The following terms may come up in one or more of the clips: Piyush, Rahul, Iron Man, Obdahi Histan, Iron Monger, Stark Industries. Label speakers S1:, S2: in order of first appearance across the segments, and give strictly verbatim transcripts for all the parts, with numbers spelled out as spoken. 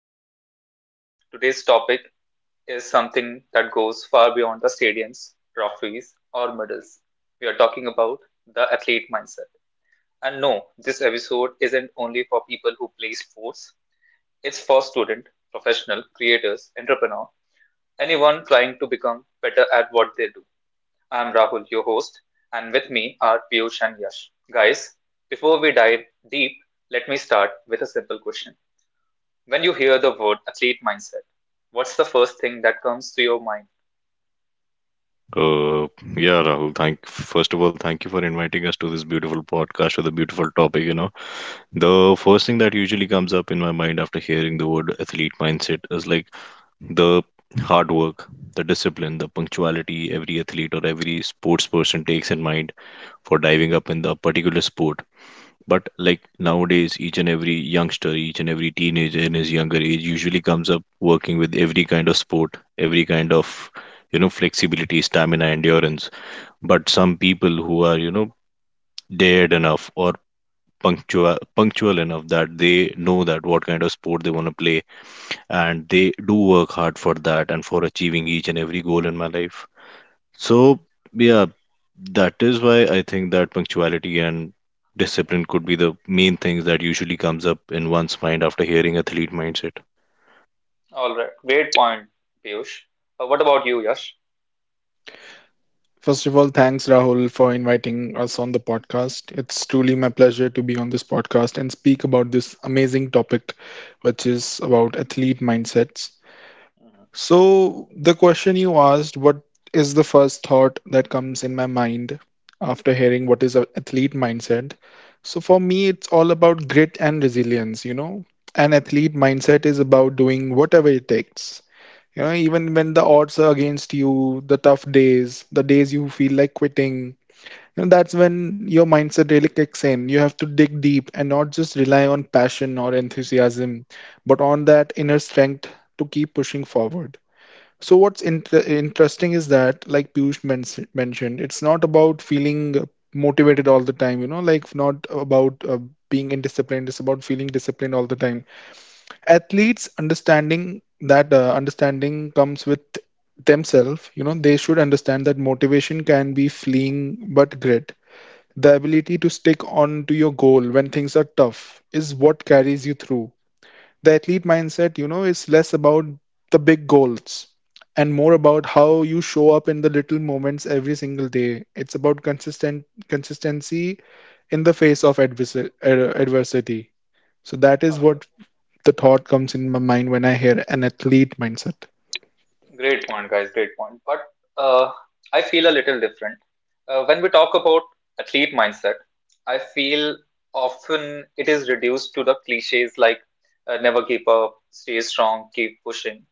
S1: podcast, everyone. Today's topic is something that goes far beyond the stadiums, trophies, or medals. We are talking about the athlete mindset. And no, this episode isn't only for people who play sports, it's for students, professional, creators, entrepreneur, anyone trying to become better at what they do. I'm Rahul, your host, and with me are Piyush and Yash. Guys, before we dive deep, let me start with a simple question. When you hear the word athlete mindset, what's the first thing that comes to your mind?
S2: Uh, yeah, Rahul, thank first of all, thank you for inviting us to this beautiful podcast with a beautiful topic. You know, the first thing that usually comes up in my mind after hearing the word athlete mindset is like the hard work, the discipline, the punctuality every athlete or every sports person takes in mind for diving up in the particular sport. But like nowadays, each and every youngster, each and every teenager in his younger age usually comes up working with every kind of sport, every kind of you know flexibility, stamina, endurance, but some people who are you know dared enough or punctual punctual enough that they know that what kind of sport they want to play, and they do work hard for that and for achieving each and every goal in my life. So yeah, that is why I think that punctuality and discipline could be the main things that usually comes up in one's mind after hearing athlete mindset.
S1: All right, great point, Piyush. Uh, what about you, Yash?
S3: First of all, thanks Rahul for inviting us on the podcast. It's truly
S1: Mm-hmm.
S3: my pleasure to be on this podcast and speak about this amazing topic, which is about athlete mindsets.
S1: Mm-hmm.
S3: So, the question you asked, what is the first thought that comes in my mind after hearing what is an athlete mindset? So, for me, it's all about grit and resilience, you know. An athlete mindset is about doing whatever it takes. You know, even when the odds are against you, the tough days, the days you feel like quitting, you know, that's when your mindset really kicks in. You have to dig deep and not just rely on passion or enthusiasm, but on that inner strength to keep pushing forward. So what's inter interesting is that, like Piyush men mentioned, it's not about feeling motivated all the time, you know, like not about uh, being indisciplined. It's about feeling disciplined all the time. Athletes understanding that uh, understanding comes with themselves. You know they should understand that motivation can be fleeing, but grit, the ability to stick on to your goal when things are tough, is what carries you through. The athlete mindset you know is less about the big goals and more about how you show up in the little moments every single day. It's about consistent consistency in the
S1: Mm-hmm.
S3: face of adversa- uh, adversity. So that
S1: All
S3: is
S1: right.
S3: what the thought comes in my mind when I hear an athlete mindset.
S1: Great point, guys. Great point. But uh, I feel a little different. Uh, when we talk about athlete mindset, I feel often it is reduced to the cliches like uh, never give up, stay strong, keep pushing.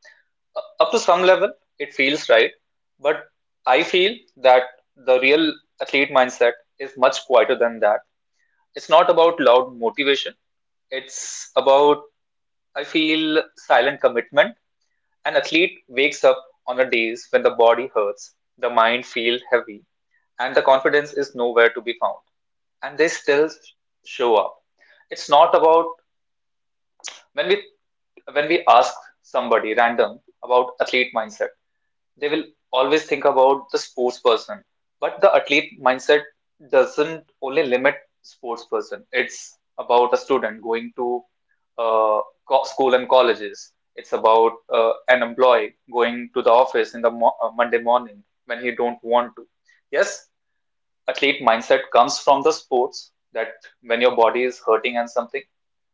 S1: Uh, up to some level, it feels right. But I feel that the real athlete mindset is much quieter than that. It's not about loud motivation, it's about, I feel, silent commitment. An athlete wakes up on the days when the body hurts, the mind feels heavy, and the confidence is nowhere to be found. And they still show up. It's not about when we when we ask somebody random about athlete mindset, they will always think about the sports person. But the athlete mindset doesn't only limit sports person. It's about a student going to uh, co- school and colleges. It's about uh, an employee going to the office in the mo- uh, Monday morning when he don't want to. Yes, athlete mindset comes from the sports that when your body is hurting and something,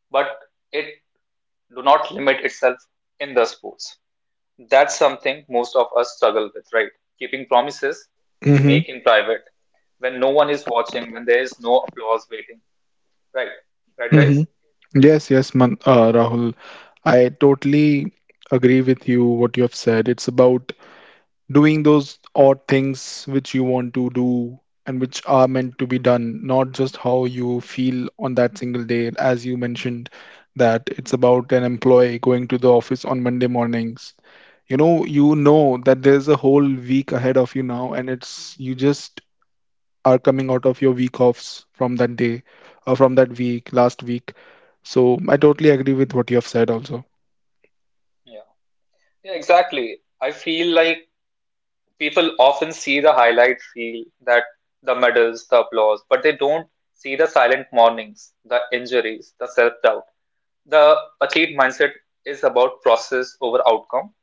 S1: but it do not limit itself in the sports. That's something most of us struggle with, right? Keeping promises we
S3: Mm-hmm.
S1: make in private when no one is watching, when there is no applause waiting, right? Right, guys?
S3: Mm-hmm. Yes, yes, Man, uh, Rahul. I totally agree with you what you have said. It's about doing those odd things which you want to do and which are meant to be done, not just how you feel on that single day. As you mentioned, that it's about an employee going to the office on Monday mornings. You know, you know that there's a whole week ahead of you now, and it's you just are coming out of your week offs from that day or from that week, last week. So I totally agree with what you have said also.
S1: Yeah. Yeah, exactly. I feel like people often see the highlight reel, that the medals, the applause, but they don't see the silent mornings, the injuries, the self doubt. The athlete mindset is about process over outcome.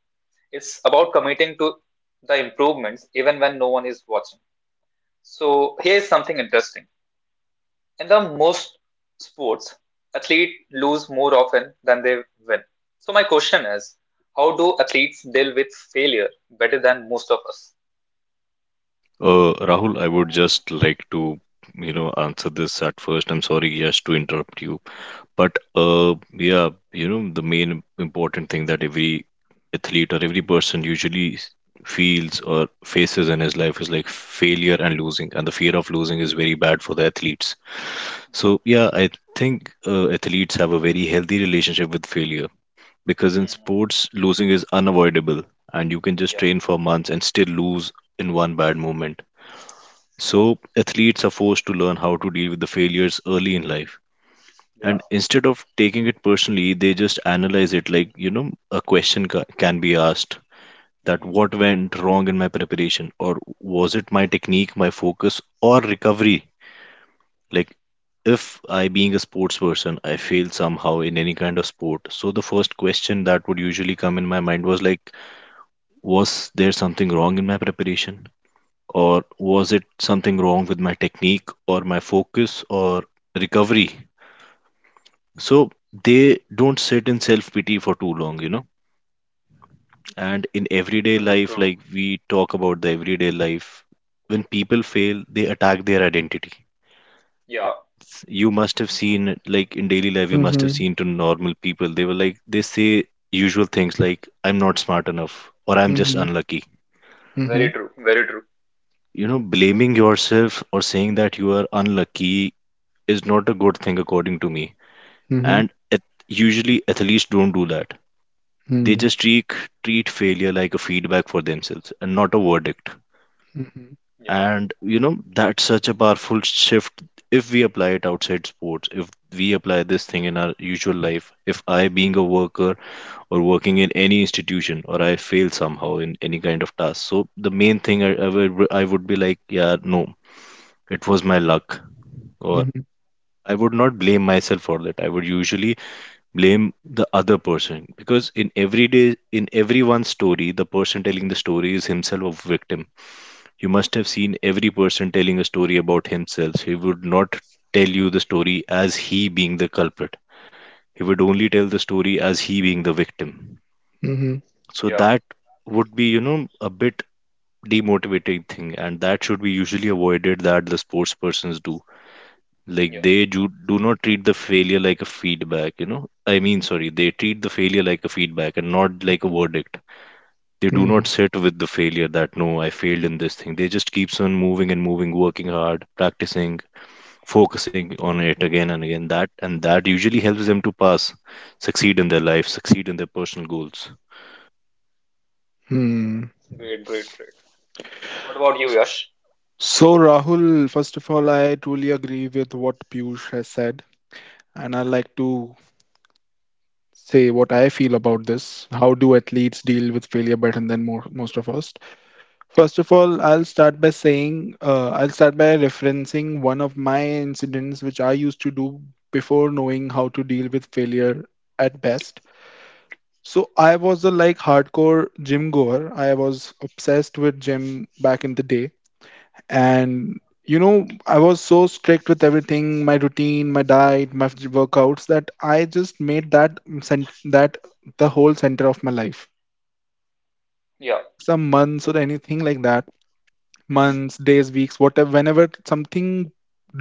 S1: It's about committing to the improvements even when no one is watching. So here's something interesting. In the most sports, athletes lose more often than they win. So my question is, how do athletes deal with failure better than most of us?
S2: uh, Rahul, I would just like to you know answer this at first. I'm sorry, yes, to interrupt you. But uh, yeah, you know, the main important thing that every athlete or every person usually s- feels or faces in his life is like failure and losing, and the fear of losing is very bad for the athletes. So yeah, I think uh, athletes have a very healthy relationship with failure because in
S1: Mm-hmm.
S2: sports, losing is unavoidable, and you can just
S1: Yeah,
S2: train for months and still lose in one bad moment.
S1: yeah,
S2: So athletes are forced to learn how to deal with the failures early in life,
S1: yeah.
S2: and instead of taking it personally they just analyze it. Like you know, a question ca- can be asked that
S1: Mm-hmm.
S2: what went wrong in my preparation, or was it my technique, my focus, or recovery. Like if I being a sports person I failed somehow in any kind of sport, so the first question that would usually come in my mind was like, was there something wrong in my preparation, or was it something wrong with my technique or my focus or recovery. So they don't sit in self pity for too long, you know. And in everyday
S1: True,
S2: life,
S1: true.
S2: like we talk about the everyday life, when people fail they attack their identity.
S1: Yeah,
S2: You must have seen like in daily life, you must have
S3: Mm-hmm.
S2: seen to normal people they were like they say usual things like I'm not smart enough or I'm just
S3: Mm-hmm.
S2: unlucky.
S3: Mm-hmm.
S1: very true, very true.
S2: You know, blaming yourself or saying that you are unlucky is not a good thing according to me.
S3: Mm-hmm.
S2: And ath- usually athletes don't do that. They
S3: Mm-hmm.
S2: just
S1: Mm-hmm.
S2: treat treat failure like a feedback for themselves and not a verdict.
S3: Mm-hmm.
S1: Yeah,
S2: And you know, that's such a powerful shift if we apply it outside sports. If we apply this thing in our usual life, if I being a worker or working in any institution or I fail somehow in any kind of task, so the main thing i, I, would, I would be like, yeah no, it was my luck, or I would not blame myself for that, I would usually blame the other person, because in every day, in everyone's story the person telling the story is himself a victim. You must have seen every person telling a story about himself, he would not tell you the story as he being the culprit, he would only tell the story as he being the victim.
S3: Mm-hmm.
S2: So
S1: yeah,
S2: that would be, you know, a bit demotivating thing, and that should be usually avoided, that the sports persons do. Like
S1: yeah.
S2: they do, do not treat the failure like a feedback, you know. I mean, sorry, they treat the failure like a feedback and not like a verdict. They do not
S3: Mm-hmm.
S2: sit with the failure that no, I failed in this thing. They just keeps on moving and moving, working hard, practicing, focusing on it again and again. That, and that usually helps them to pass, succeed in their life, succeed in their personal goals.
S3: Hmm.
S1: Great, great, great. What about you, Yash?
S3: So, Rahul, first of all, I truly agree with what Piyush has said, and I like to say what I feel about this. How do athletes deal with failure better than more, most of us? First of all, I'll start by saying, uh, I'll start by referencing one of my incidents which I used to do before knowing how to deal with failure at best. So I was a like hardcore gym goer. I was obsessed with gym back in the day. And you know, I was so strict with everything, my routine, my diet, my f- workouts that I just made that cent- that the whole center of my life. And whenever
S1: Yeah.
S3: after like some months or anything like that,
S1: Mm-hmm.
S3: months, days, weeks, whatever, whenever something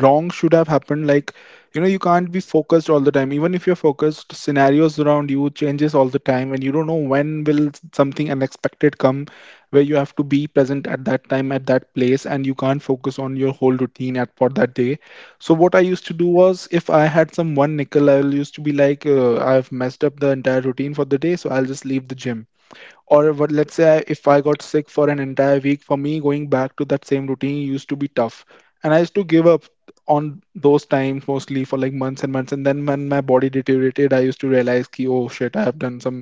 S3: wrong should have happened, like you know you can't be focused all the time. Even if you're focused, scenarios around you changes all the time, and you don't know when will something unexpected come where you have to be present at that time at that place, and you can't focus on your whole routine at for that day. So what I used to do was, if I had some one nickel, I will used to be like, uh, I've messed up the entire routine for the day, so I'll just leave the gym. Or what, let's say I- if I got sick for an entire week, for me going back to that same routine used to be tough, and I used to give up on those times mostly for like months and months. And then when my body deteriorated, I used to realize ki, oh shit, i have done some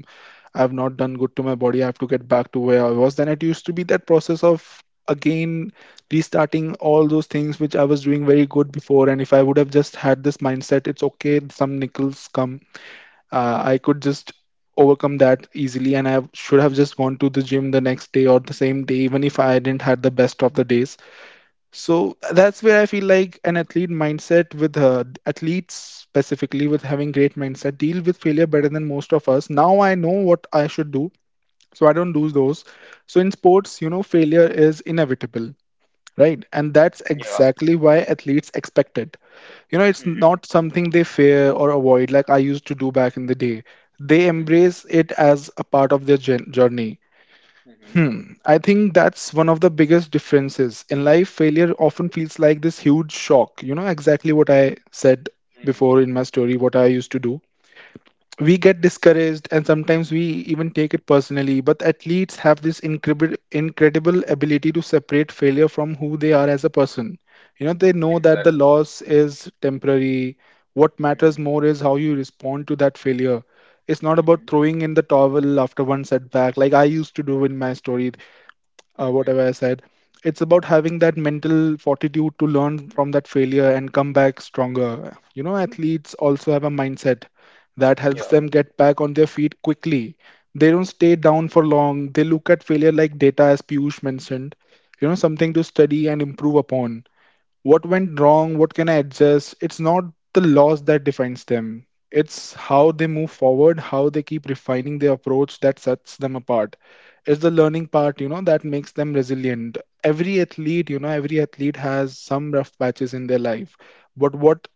S3: I have not done good to my body. I have to get back to where I was. Then it used to be that process of again restarting all those things which I was doing very good before. And if I would have just had this mindset, it's okay, some nickels come. uh, I could just overcome that easily, and I should have just gone to the gym the next day or the same day, even if I didn't had the best of the days. So that's where I feel like an athlete mindset with uh, athletes, specifically with having great mindset, deal with failure better than most of us. Now I know what I should do, so I don't do those. So in sports, you know, failure is inevitable, right? And that's
S1: Yeah.
S3: exactly why athletes expect it. You know it's
S1: Mm-hmm.
S3: not something they fear or avoid, like I used to do back in the day. They embrace it as a part of their jour- journey
S1: Mm-hmm.
S3: hmm I think that's one of the biggest differences. In life, failure often feels like this huge shock, you know exactly what I said
S1: Mm-hmm.
S3: before in my story what I used to do. We get discouraged, and sometimes we even take it personally, but athletes have this incredible incredible ability to separate failure from who they are as a person. You know they know that the
S1: Exactly.
S3: loss is temporary. What matters
S1: Mm-hmm.
S3: more is how you respond to that failure. It's not
S1: Mm-hmm.
S3: about throwing in the towel after one setback, like I used to do in my story, uh,
S1: Mm-hmm.
S3: whatever I said. It's about having that mental fortitude to learn from that failure and come back stronger. You know, athletes also have a mindset that helps
S1: Yeah,
S3: them get back on their feet quickly. They don't stay down for long. They look at failure like data, as Piyush mentioned, you know, something to study and improve upon. What went wrong, what can I adjust. It's not the loss that defines them. It's how they move forward, how they keep refining their approach that sets them apart. It's the learning part, you know, that makes them resilient. Every athlete, you know, every athlete has some rough patches in their life. But what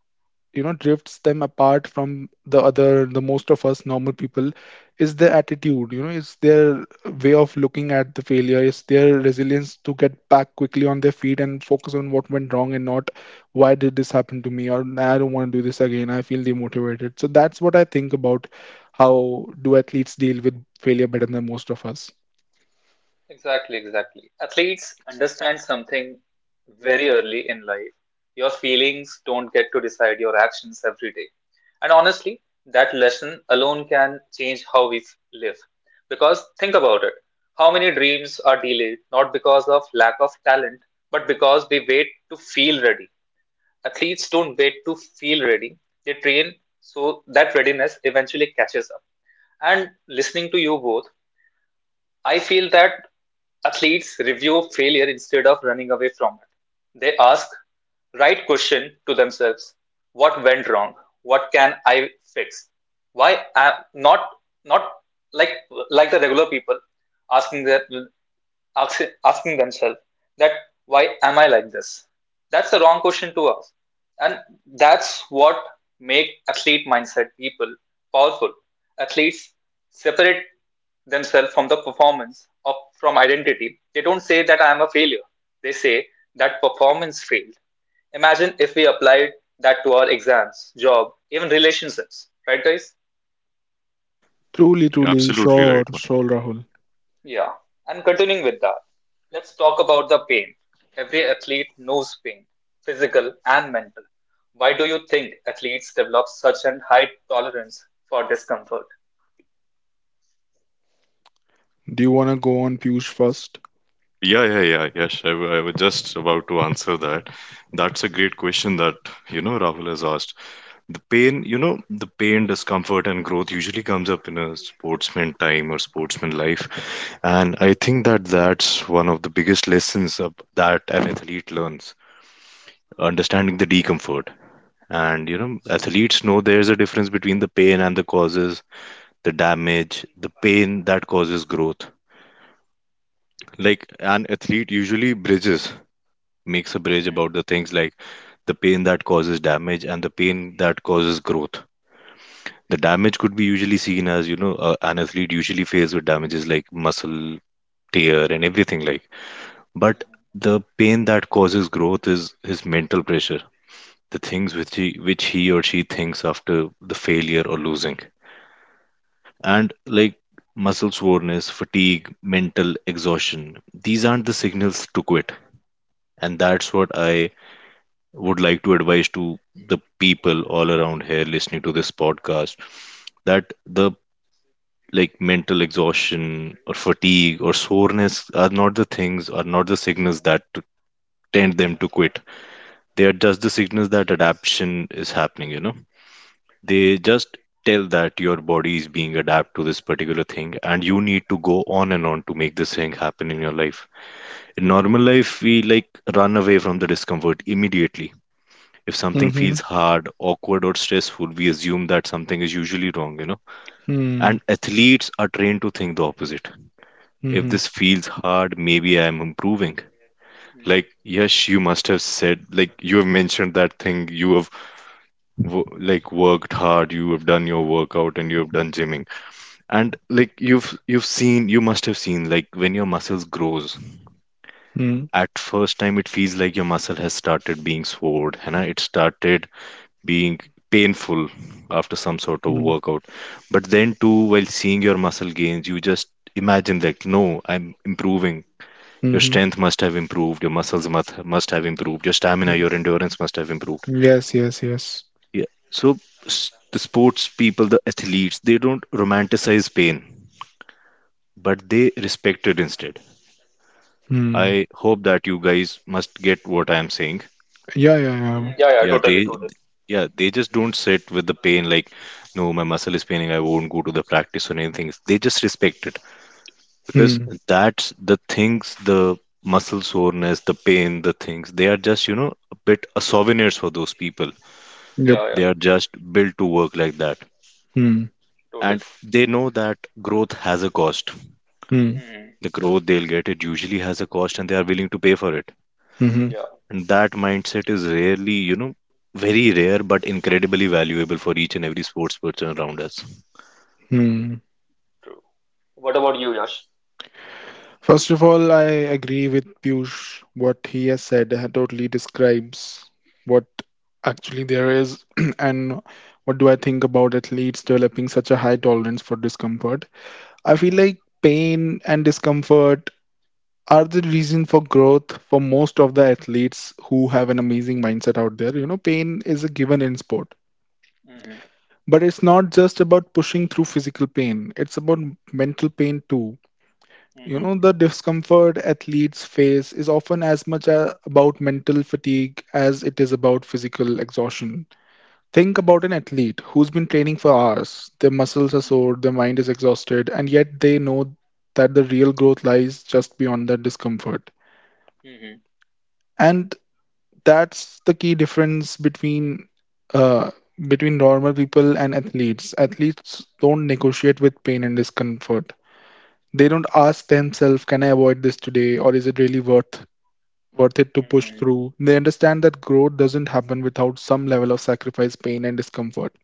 S3: you know drifts them apart from the other, the most of us normal people, is their attitude. You know it's their way of looking at the failure. It's their resilience to get back quickly on their feet and focus on what went wrong and not "why did this happen to me" or "Nah, I don't want to do this again, I feel demotivated." So that's what I think about how do athletes deal with failure better than most of us.
S1: exactly, exactly. Athletes understand something very early in life. Your feelings don't get to decide your actions every day. And honestly, that lesson alone can change how we f- live. Because think about it, how many dreams are delayed not because of lack of talent, but because we wait to feel ready. Athletes don't wait to feel ready, they train so that readiness eventually catches up. And listening to you both, I feel that athletes review failure instead of running away from it. They ask right question to themselves, what went wrong, what can I fix, why am not not like like the regular people, asking that asking themselves that, why am I like this? That's the wrong question to ask, and that's what make athlete mindset people powerful. Athletes separate themselves from the performance or from identity. They don't say that I am a failure. They say that performance failed. Imagine if we applied that to our exams, job, even relationships, right, guys?
S3: Truly, truly,
S2: Absolutely right.
S3: sure, sure, Rahul.
S1: Yeah. And continuing with that, let's talk about the pain. Every athlete knows pain, physical and mental. Why do you think athletes develop such an high tolerance for discomfort?
S3: Do you want to go on, Piyush first?
S2: Yeah, yeah, yeah. Yes, I, w- I was just about to answer that. That's a great question that, you know, Rahul has asked. The pain, you know, the pain, discomfort, and growth usually comes up in a sportsman time or sportsman life. And I think that that's one of the biggest lessons of, that an athlete learns, understanding the discomfort. And you know, athletes know there's a difference between the pain and the causes, the damage, the pain that causes growth. Like an athlete usually bridges, makes a bridge
S1: Hmm.
S2: about the things like the pain that causes damage and the pain that causes growth. The damage could be usually seen as, you know, uh, an athlete usually faced with damages like muscle tear and everything like. But
S1: Hmm.
S2: the pain that causes growth is his mental pressure, the things which he, which he or she thinks after the failure or losing, and like muscle soreness, fatigue, mental exhaustion. These aren't the signals to quit, and that's what I would like to advise to the people all around here listening to this podcast, that the like mental exhaustion or fatigue or soreness are not the things, are not the signals that t- tend them to quit. They are just the signals that adaptation is happening, you know. They just tell that your body is being adapt to this particular thing and you need to go on and on to make this thing happen in your life. In normal life, we like run away from the discomfort immediately. If something feels
S3: Mm-hmm.
S2: hard, awkward, or stressful, we assume that something is usually wrong, you know.
S3: Mm-hmm.
S2: And athletes are trained to think the opposite: if this feels hard, maybe I'm improving. Like,
S1: Hmm.
S2: yes, you must have said, like, you have mentioned that thing, you have wo- like worked hard, you have done your workout and you have done gymming. And like you've you've seen, you must have seen like when your muscles grows,
S3: Mm-hmm.
S2: at first time it feels like your muscle has started being sore, and it started being painful after some
S3: Mm-hmm.
S2: sort of workout. But then too, while seeing your muscle gains, you just imagine that no, I'm improving. Your strength must have improved, your muscles must, must have improved, your stamina,
S3: Mm.
S2: your endurance must have improved.
S3: Yes, yes, yes.
S2: Yeah. So s- the sports people, the athletes, they don't romanticize pain, but they respect it instead.
S3: Hmm.
S2: I hope that you guys must get what I am saying.
S3: Yeah, yeah, yeah.
S1: Mm, yeah, yeah,
S2: Yeah,
S1: totally,
S2: they
S1: totally.
S2: yeah, they just don't sit with the pain like, no, my muscle is paining, I won't go to the practice or anything. They just respect it, because
S3: Hmm.
S2: that's the things, the muscle soreness, the pain, the things, they are just you know a bit a souvenirs for those people.
S3: Yep.
S1: Yeah, yeah,
S2: They are just built to work like that,
S3: Hmm.
S1: totally.
S2: and they know that growth has a cost.
S3: Hmm.
S1: Hmm.
S2: The growth they'll get it usually has a cost, and they are willing to pay for it.
S3: Hmm.
S1: Yeah,
S2: And that mindset is rarely, you know, very rare but incredibly valuable for each and every sports person around us.
S3: Hmm.
S1: true. What about you, Yash?
S3: First of all, I agree with Piyush. What he has said uh, totally describes what actually there is, and what do I think about athletes developing such a high tolerance for discomfort. I feel
S1: Hmm.
S3: like pain and discomfort are the reason for growth for most of the athletes who have an amazing mindset out there. You know, pain is a given in sport,
S1: Hmm.
S3: but it's not just about pushing through physical pain, it's about mental pain too. You
S1: Hmm.
S3: know the discomfort athletes face is often as much a- about mental fatigue as it is about physical exhaustion. Think about an athlete who's been training for hours, their muscles are
S1: Hmm.
S3: sore, their mind is exhausted, and yet they know that the real growth lies just beyond that discomfort.
S1: Hmm.
S3: And that's the key difference between uh, between normal people and athletes. Athletes don't negotiate with pain and discomfort. They don't ask themselves, "Can I avoid this today, or is it really worth worth it to push
S1: Hmm.
S3: through?" They understand that growth doesn't happen without some level of sacrifice, pain, and discomfort.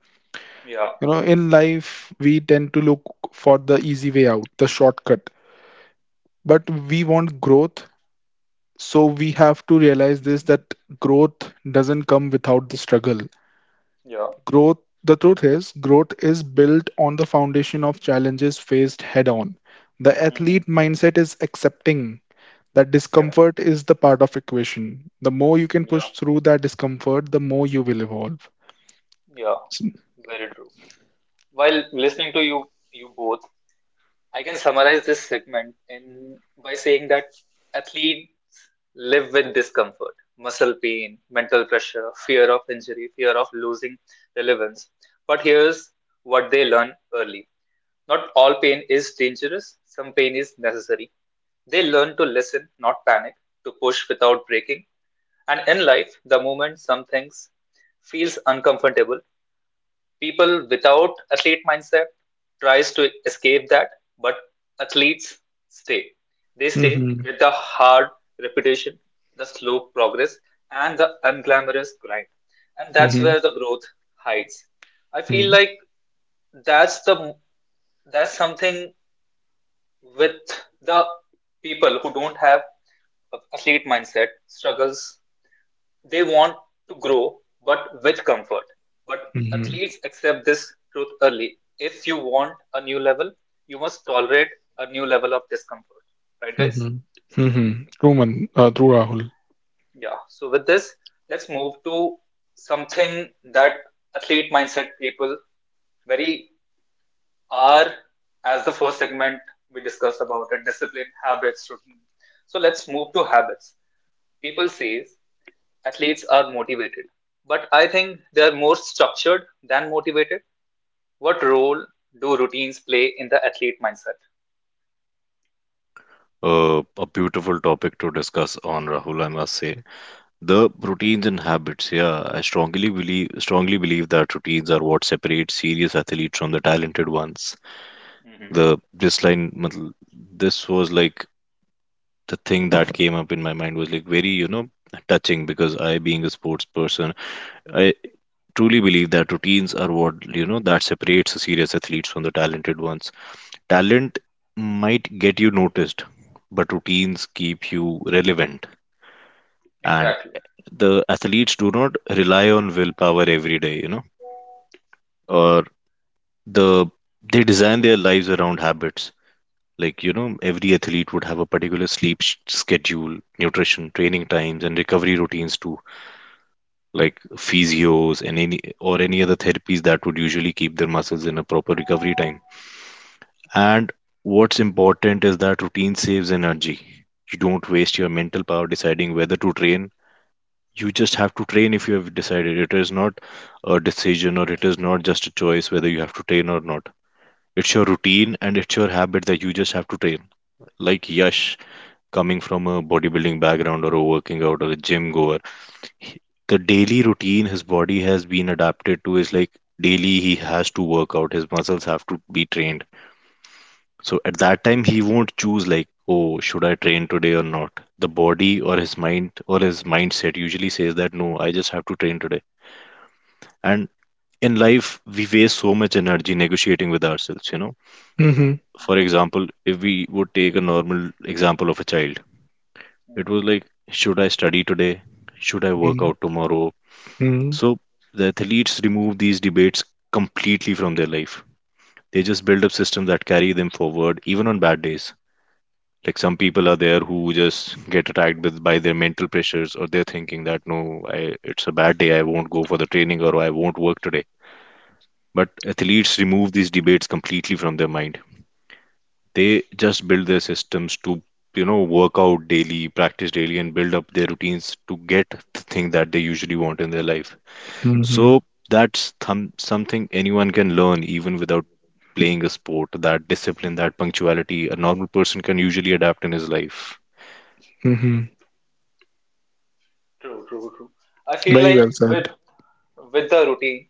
S1: Yeah,
S3: You know, in life, we tend to look for the easy way out, the shortcut. But we want growth, so we have to realize this that growth doesn't come without the struggle.
S1: yeah.
S3: Growth, the truth is, growth is built on the foundation of challenges faced head on. The
S1: Hmm.
S3: athlete mindset is accepting that
S1: Yeah,
S3: discomfort is the part of equation. The more you can
S1: yeah,
S3: push through that discomfort, the more you will evolve.
S1: yeah. Very true. While listening to you, you both, I can summarize this segment in by saying that athletes live with discomfort, muscle pain, mental pressure, fear of injury, fear of losing relevance. But here's what they learn early. Not all pain is dangerous, some pain is necessary. They learn to listen, not panic, to push without breaking. And in life, the moment some things feels uncomfortable, people without athlete mindset tries to escape that, but athletes stay. They stay
S3: Mm-hmm,
S1: with the hard repetition, the slow progress, and the unglamorous grind. And that's
S3: mm-hmm,
S1: where the growth hides. I feel
S3: mm-hmm,
S1: like that's the that's something with the people who don't have a athlete mindset struggles, they want to grow, but with comfort. But
S3: mm-hmm,
S1: athletes accept this truth early. If you want a new level, you must tolerate a new level of discomfort. Right, guys?
S3: mm-hmm. Mm-hmm. True, man, uh, true, Rahul.
S1: Yeah. So, with this, let's move to something that athlete mindset people very are. As the first segment, we discussed about it: discipline, habits, routine. So let's move to habits. People says athletes are motivated, but I think they are more structured than motivated. What role do routines play in the athlete mindset?
S2: uh, A beautiful topic to discuss on, Rahul, I must say. The routines and habits, yeah. I strongly believe strongly believe that routines are what separate serious athletes from the talented ones.
S1: Hmm.
S2: The this line, matl- this was like the thing that came up in my mind was like very, you know, touching because I, being a sports person, I truly believe that routines are what, you know, that separates the serious athletes from the talented ones. Talent might get you noticed, but routines keep you relevant. And
S1: Exactly.
S2: the athletes do not rely on willpower every day, you know, or the they design their lives around habits. Like you know, every athlete would have a particular sleep sh- schedule, nutrition, training times, and recovery routines too, like physios and any or any other therapies that would usually keep their muscles in a proper recovery time. And what's important is that routine saves energy. You don't waste your mental power deciding whether to train, you just have to train if you have decided. It is not a decision or it is not just a choice whether you have to train or not. It's your routine and it's your habit that you just have to train. Like Yash, coming from a bodybuilding background or a working out or a gym goer, he- the daily routine his body has been adapted to is like daily he has to work out, his muscles have to be trained. So at that time he won't choose like, oh should I train today or not, the body or his mind or his mindset usually says that no, I just have to train today. And in life we waste so much energy negotiating with ourselves, you know.
S3: Mm-hmm,
S2: For
S1: Mm-hmm.
S2: example, if we would take a normal example of a child, it
S1: Mm-hmm.
S2: was like, should I study today, should I work out tomorrow.
S3: mm-hmm,
S2: So the athletes remove these debates completely from their life. They just build up systems that carry them forward even on bad days. Like some people are there who just get attacked with by their mental pressures, or they're thinking that no, I, it's a bad day, I won't go for the training or I won't work today. But athletes remove these debates completely from their mind. They just build their systems to, you know, work out daily, practice daily, and build up their routines to get the thing that they usually want in their life.
S3: mm-hmm,
S2: So that's thom- something anyone can learn even without playing a sport, that discipline, that punctuality, a normal person can usually adapt in his life.
S3: mm-hmm.
S1: True, true, true. I feel
S3: Very
S1: like
S3: well
S1: with
S3: said.
S1: with the routine,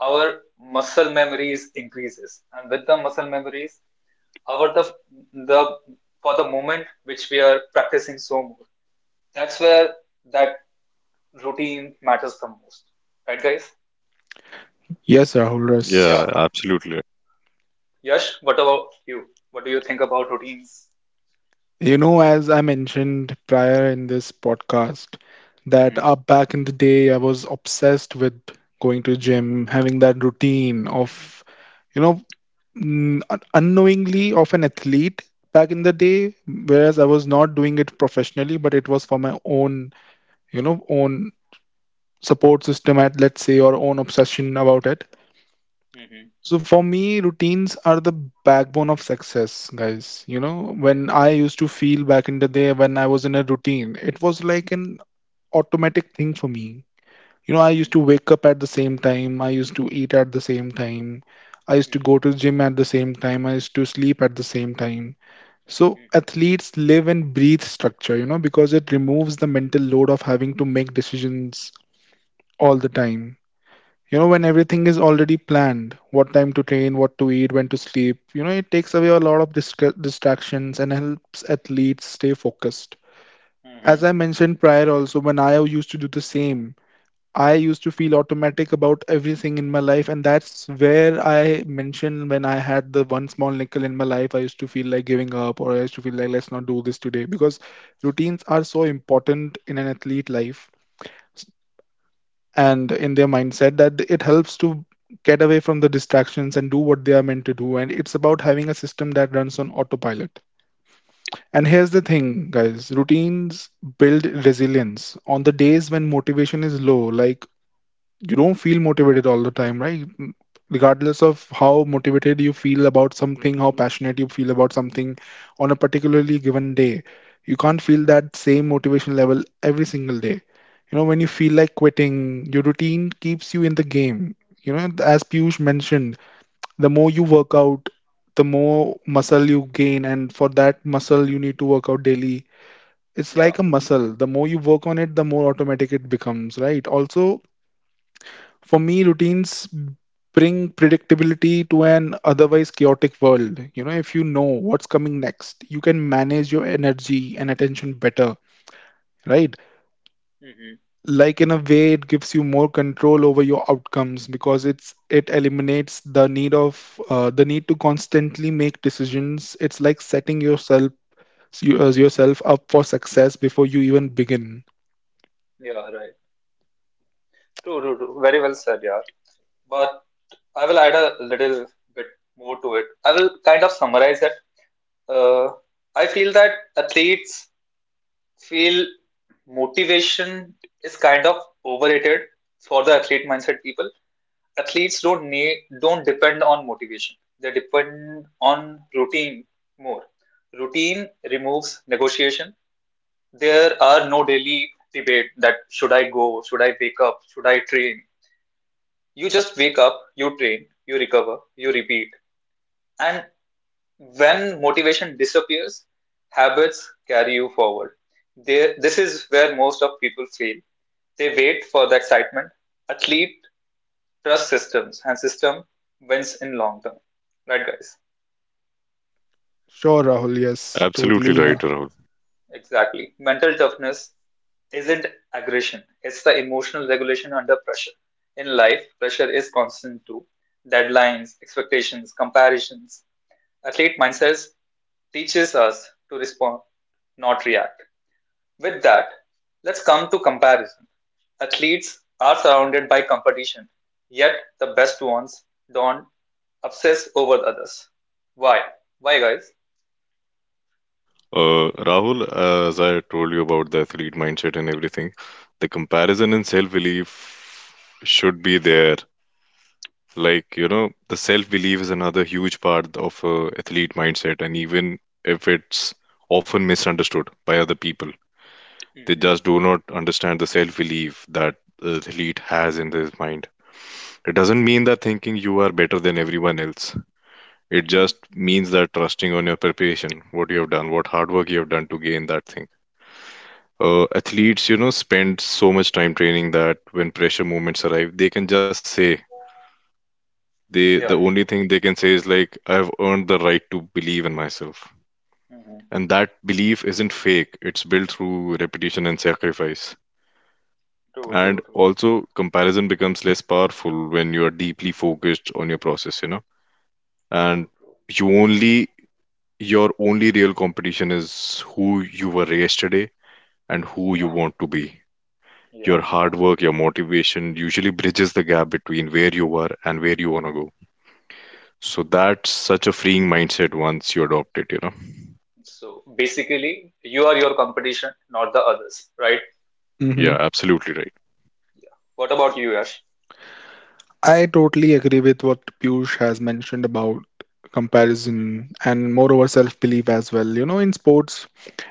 S1: our muscle memories increases, and with the muscle memories, our the the for the moment which we are practicing so more. That's where that routine matters the most, right, guys?
S3: Yes, Rahul.
S2: Yeah,
S3: Yes.
S1: Yeah,
S2: absolutely.
S1: Yash, what about you? What do you think about routines?
S3: You know, as I mentioned prior in this podcast, that
S1: Mm-hmm.
S3: up back in the day, I was obsessed with going to gym, having that routine of, you know, n- un- unknowingly of an athlete back in the day, whereas I was not doing it professionally, but it was for my own, you know, own support system at let's say, or own obsession about it.
S1: Mm-hmm.
S3: So for me, routines are the backbone of success, guys. You know,
S1: Yeah.
S3: when I used to feel back in the day when I was in a routine, it was like an automatic thing for me. You know, I used
S1: Mm-hmm.
S3: to wake up at the same time, I used to eat at the same time, I used to go to
S1: Mm-hmm.
S3: gym at the same time, I used to sleep at the same time. So
S1: Mm-hmm.
S3: athletes live and breathe structure, you know, because it removes the mental load of having to make decisions all the time. You know, when
S1: Mm-hmm.
S3: everything is already planned, what time to train, what to eat, when to sleep, you know, it takes away a lot of distra- distractions and helps athletes stay focused.
S1: Mm-hmm.
S3: As I mentioned prior, also when I used to do the same, I used to feel automatic about everything in my life, and that's where I mentioned when I had the one small nickel in my life, I used to feel like giving up, or I used to feel like let's not do this today, because routines are so important in an athlete life and in their mindset, that it helps to get away from the distractions and do what they are meant to do. And it's about having a system that runs on autopilot. And here's the thing, guys, routines build resilience on the days when motivation is low. Like, you don't feel motivated all the time, right? Mm, regardless of how motivated you feel about something, how passionate you feel about something on a particularly given day, you can't feel that same motivation level every single day. You know, when you feel like quitting, your routine keeps you in the game, you know. As Piyush mentioned, the more you work out, the more muscle you gain, and for that muscle you need to work out daily. It's
S1: Yeah.
S3: like a muscle: the more you work on it, the more automatic it becomes, right? Also, for me, routines bring predictability to an otherwise chaotic world. You know, if you know what's coming next, you can manage your energy and attention better, right?
S1: Mm-hmm.
S3: Like, in a way, it gives you more control over your outcomes, because it's it eliminates the need of uh, the need to constantly make decisions. It's like setting yourself you- uh, yourself up for success before you even begin.
S1: Yeah. Right. True. True. True. Very well said, yeah. But I will add a little bit more to it. I will kind of summarize it. Uh, I feel that athletes feel motivation is kind of overrated for the athlete mindset people. Athletes don't need don't depend on motivation, they depend on routine more. Routine removes negotiation. There are no daily debate that should I go, should I wake up, should I train. You just wake up, you train, you recover, you repeat. And when motivation disappears, habits carry you forward. There This is where most of people fail. They wait for the excitement. Athlete trust systems, and system wins in long term. Right, guys?
S3: Sure, Rahul. Yes,
S2: Absolutely right,
S1: Yeah,
S3: totally.
S2: Rahul.
S1: exactly. Mental toughness isn't aggression, it's the emotional regulation under pressure. In life, pressure is constant too. Deadlines, expectations, comparisons. Athlete mindsets teaches us to respond, not react. With that, let's come to comparison. Athletes are surrounded by competition, yet the best ones don't obsess over others. Why? Why, guys?
S2: Uh, Rahul, as I told you about the athlete mindset and everything, the comparison and self-belief should be there. Like, you know, the self-belief is another huge part of a athlete mindset, and even if it's often misunderstood by other people, they
S1: Mm-hmm.
S2: just do not understand the self-belief that the athlete has in his mind. It doesn't mean that thinking you are better than everyone else. It
S1: Mm-hmm.
S2: just means that trusting on your preparation, what you have done, what hard work you have done to gain that thing. Uh, athletes, you know, spend so much time training that when pressure moments arrive, they can just say, they the
S1: Yeah.
S2: only thing they can say is like, I've earned the right to believe in myself.
S1: Mm-hmm.
S2: And that belief isn't fake. It's built through repetition and sacrifice. And also comparison becomes less powerful when you are deeply focused on your process, you know. And
S1: True. True.
S2: you only your only real competition is who you were yesterday and who you
S1: Yeah.
S2: want to be.
S1: Yeah.
S2: Your
S1: Yeah.
S2: hard work, your motivation usually bridges the gap between where you were and where you want to go. So that's such a freeing mindset once you adopt it, you know?
S1: So basically, you are your competition, not the others, right?
S3: Mhm.
S2: Yeah, absolutely right.
S1: What about you, Yash?
S3: I totally agree with what Piyush has mentioned about
S1: Hmm.
S3: comparison and moreover self belief as well. You know, in sports,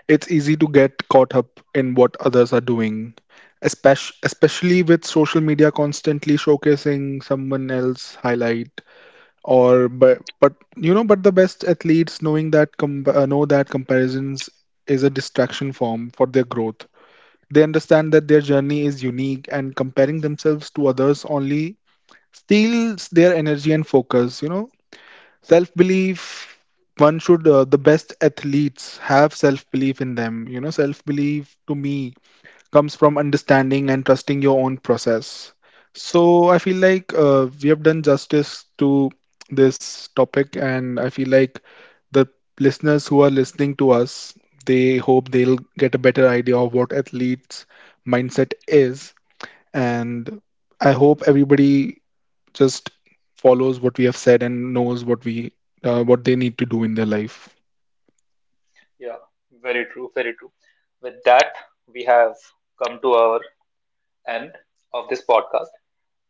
S3: it's easy to get caught up in what others are doing, especially especially with social media constantly showcasing someone else highlight or but but you know, but the best athletes knowing that com- uh, know that comparisons is a distraction form for their growth. They understand that their journey is unique, and comparing themselves to others only steals their energy and focus, you know. Self belief, one should uh, the best athletes have self belief in them, you know. Self belief, to me, comes from understanding and trusting your own process. So I feel like uh, we have done justice to this topic, and I feel like the listeners who are listening to us, they hope they'll get a better idea of what athletes mindset is. And I hope everybody just follows what we have said and knows what we uh, what they need to do in their life.
S1: Yeah. Very true. Very true. With that, we have come to our end of this podcast.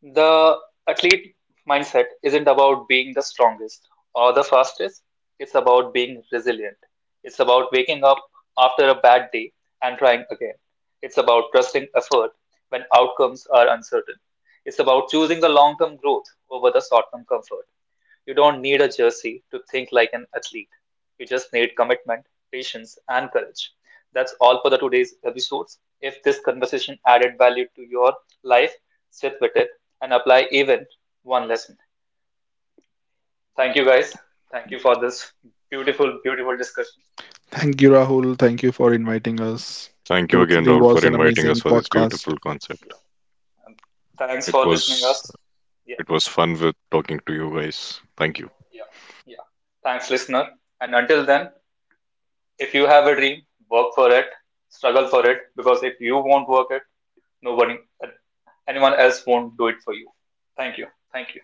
S1: The athlete mindset isn't about being the strongest or the fastest. It's about being resilient. It's about waking up after a bad day and trying again. It's about trusting effort when outcomes are uncertain. It's about choosing the long term growth over the short term comfort. You don't need a jersey to think like an athlete. You just need commitment, patience, and courage. That's all for the today's episodes. If this conversation added value to your life, sit with it and apply even one lesson. Thank you guys. Thank you for this beautiful, beautiful discussion.
S3: Thank you, Rahul. Thank you for inviting us.
S2: Thank you again,
S3: Totally
S1: Yeah,
S2: Raul,
S3: was
S2: for
S3: an
S2: inviting us
S3: amazing
S2: for this
S3: podcast.
S2: beautiful concept.
S1: yeah. And thanks
S2: It
S1: for listening
S2: was
S1: us. Yeah,
S2: it was fun with talking to you guys. Thank you.
S1: yeah, yeah. Thanks, listener. And until then, if you have a dream, work for it, struggle for it, because if you won't work it, nobody, anyone else won't do it for you. Thank you. Thank you.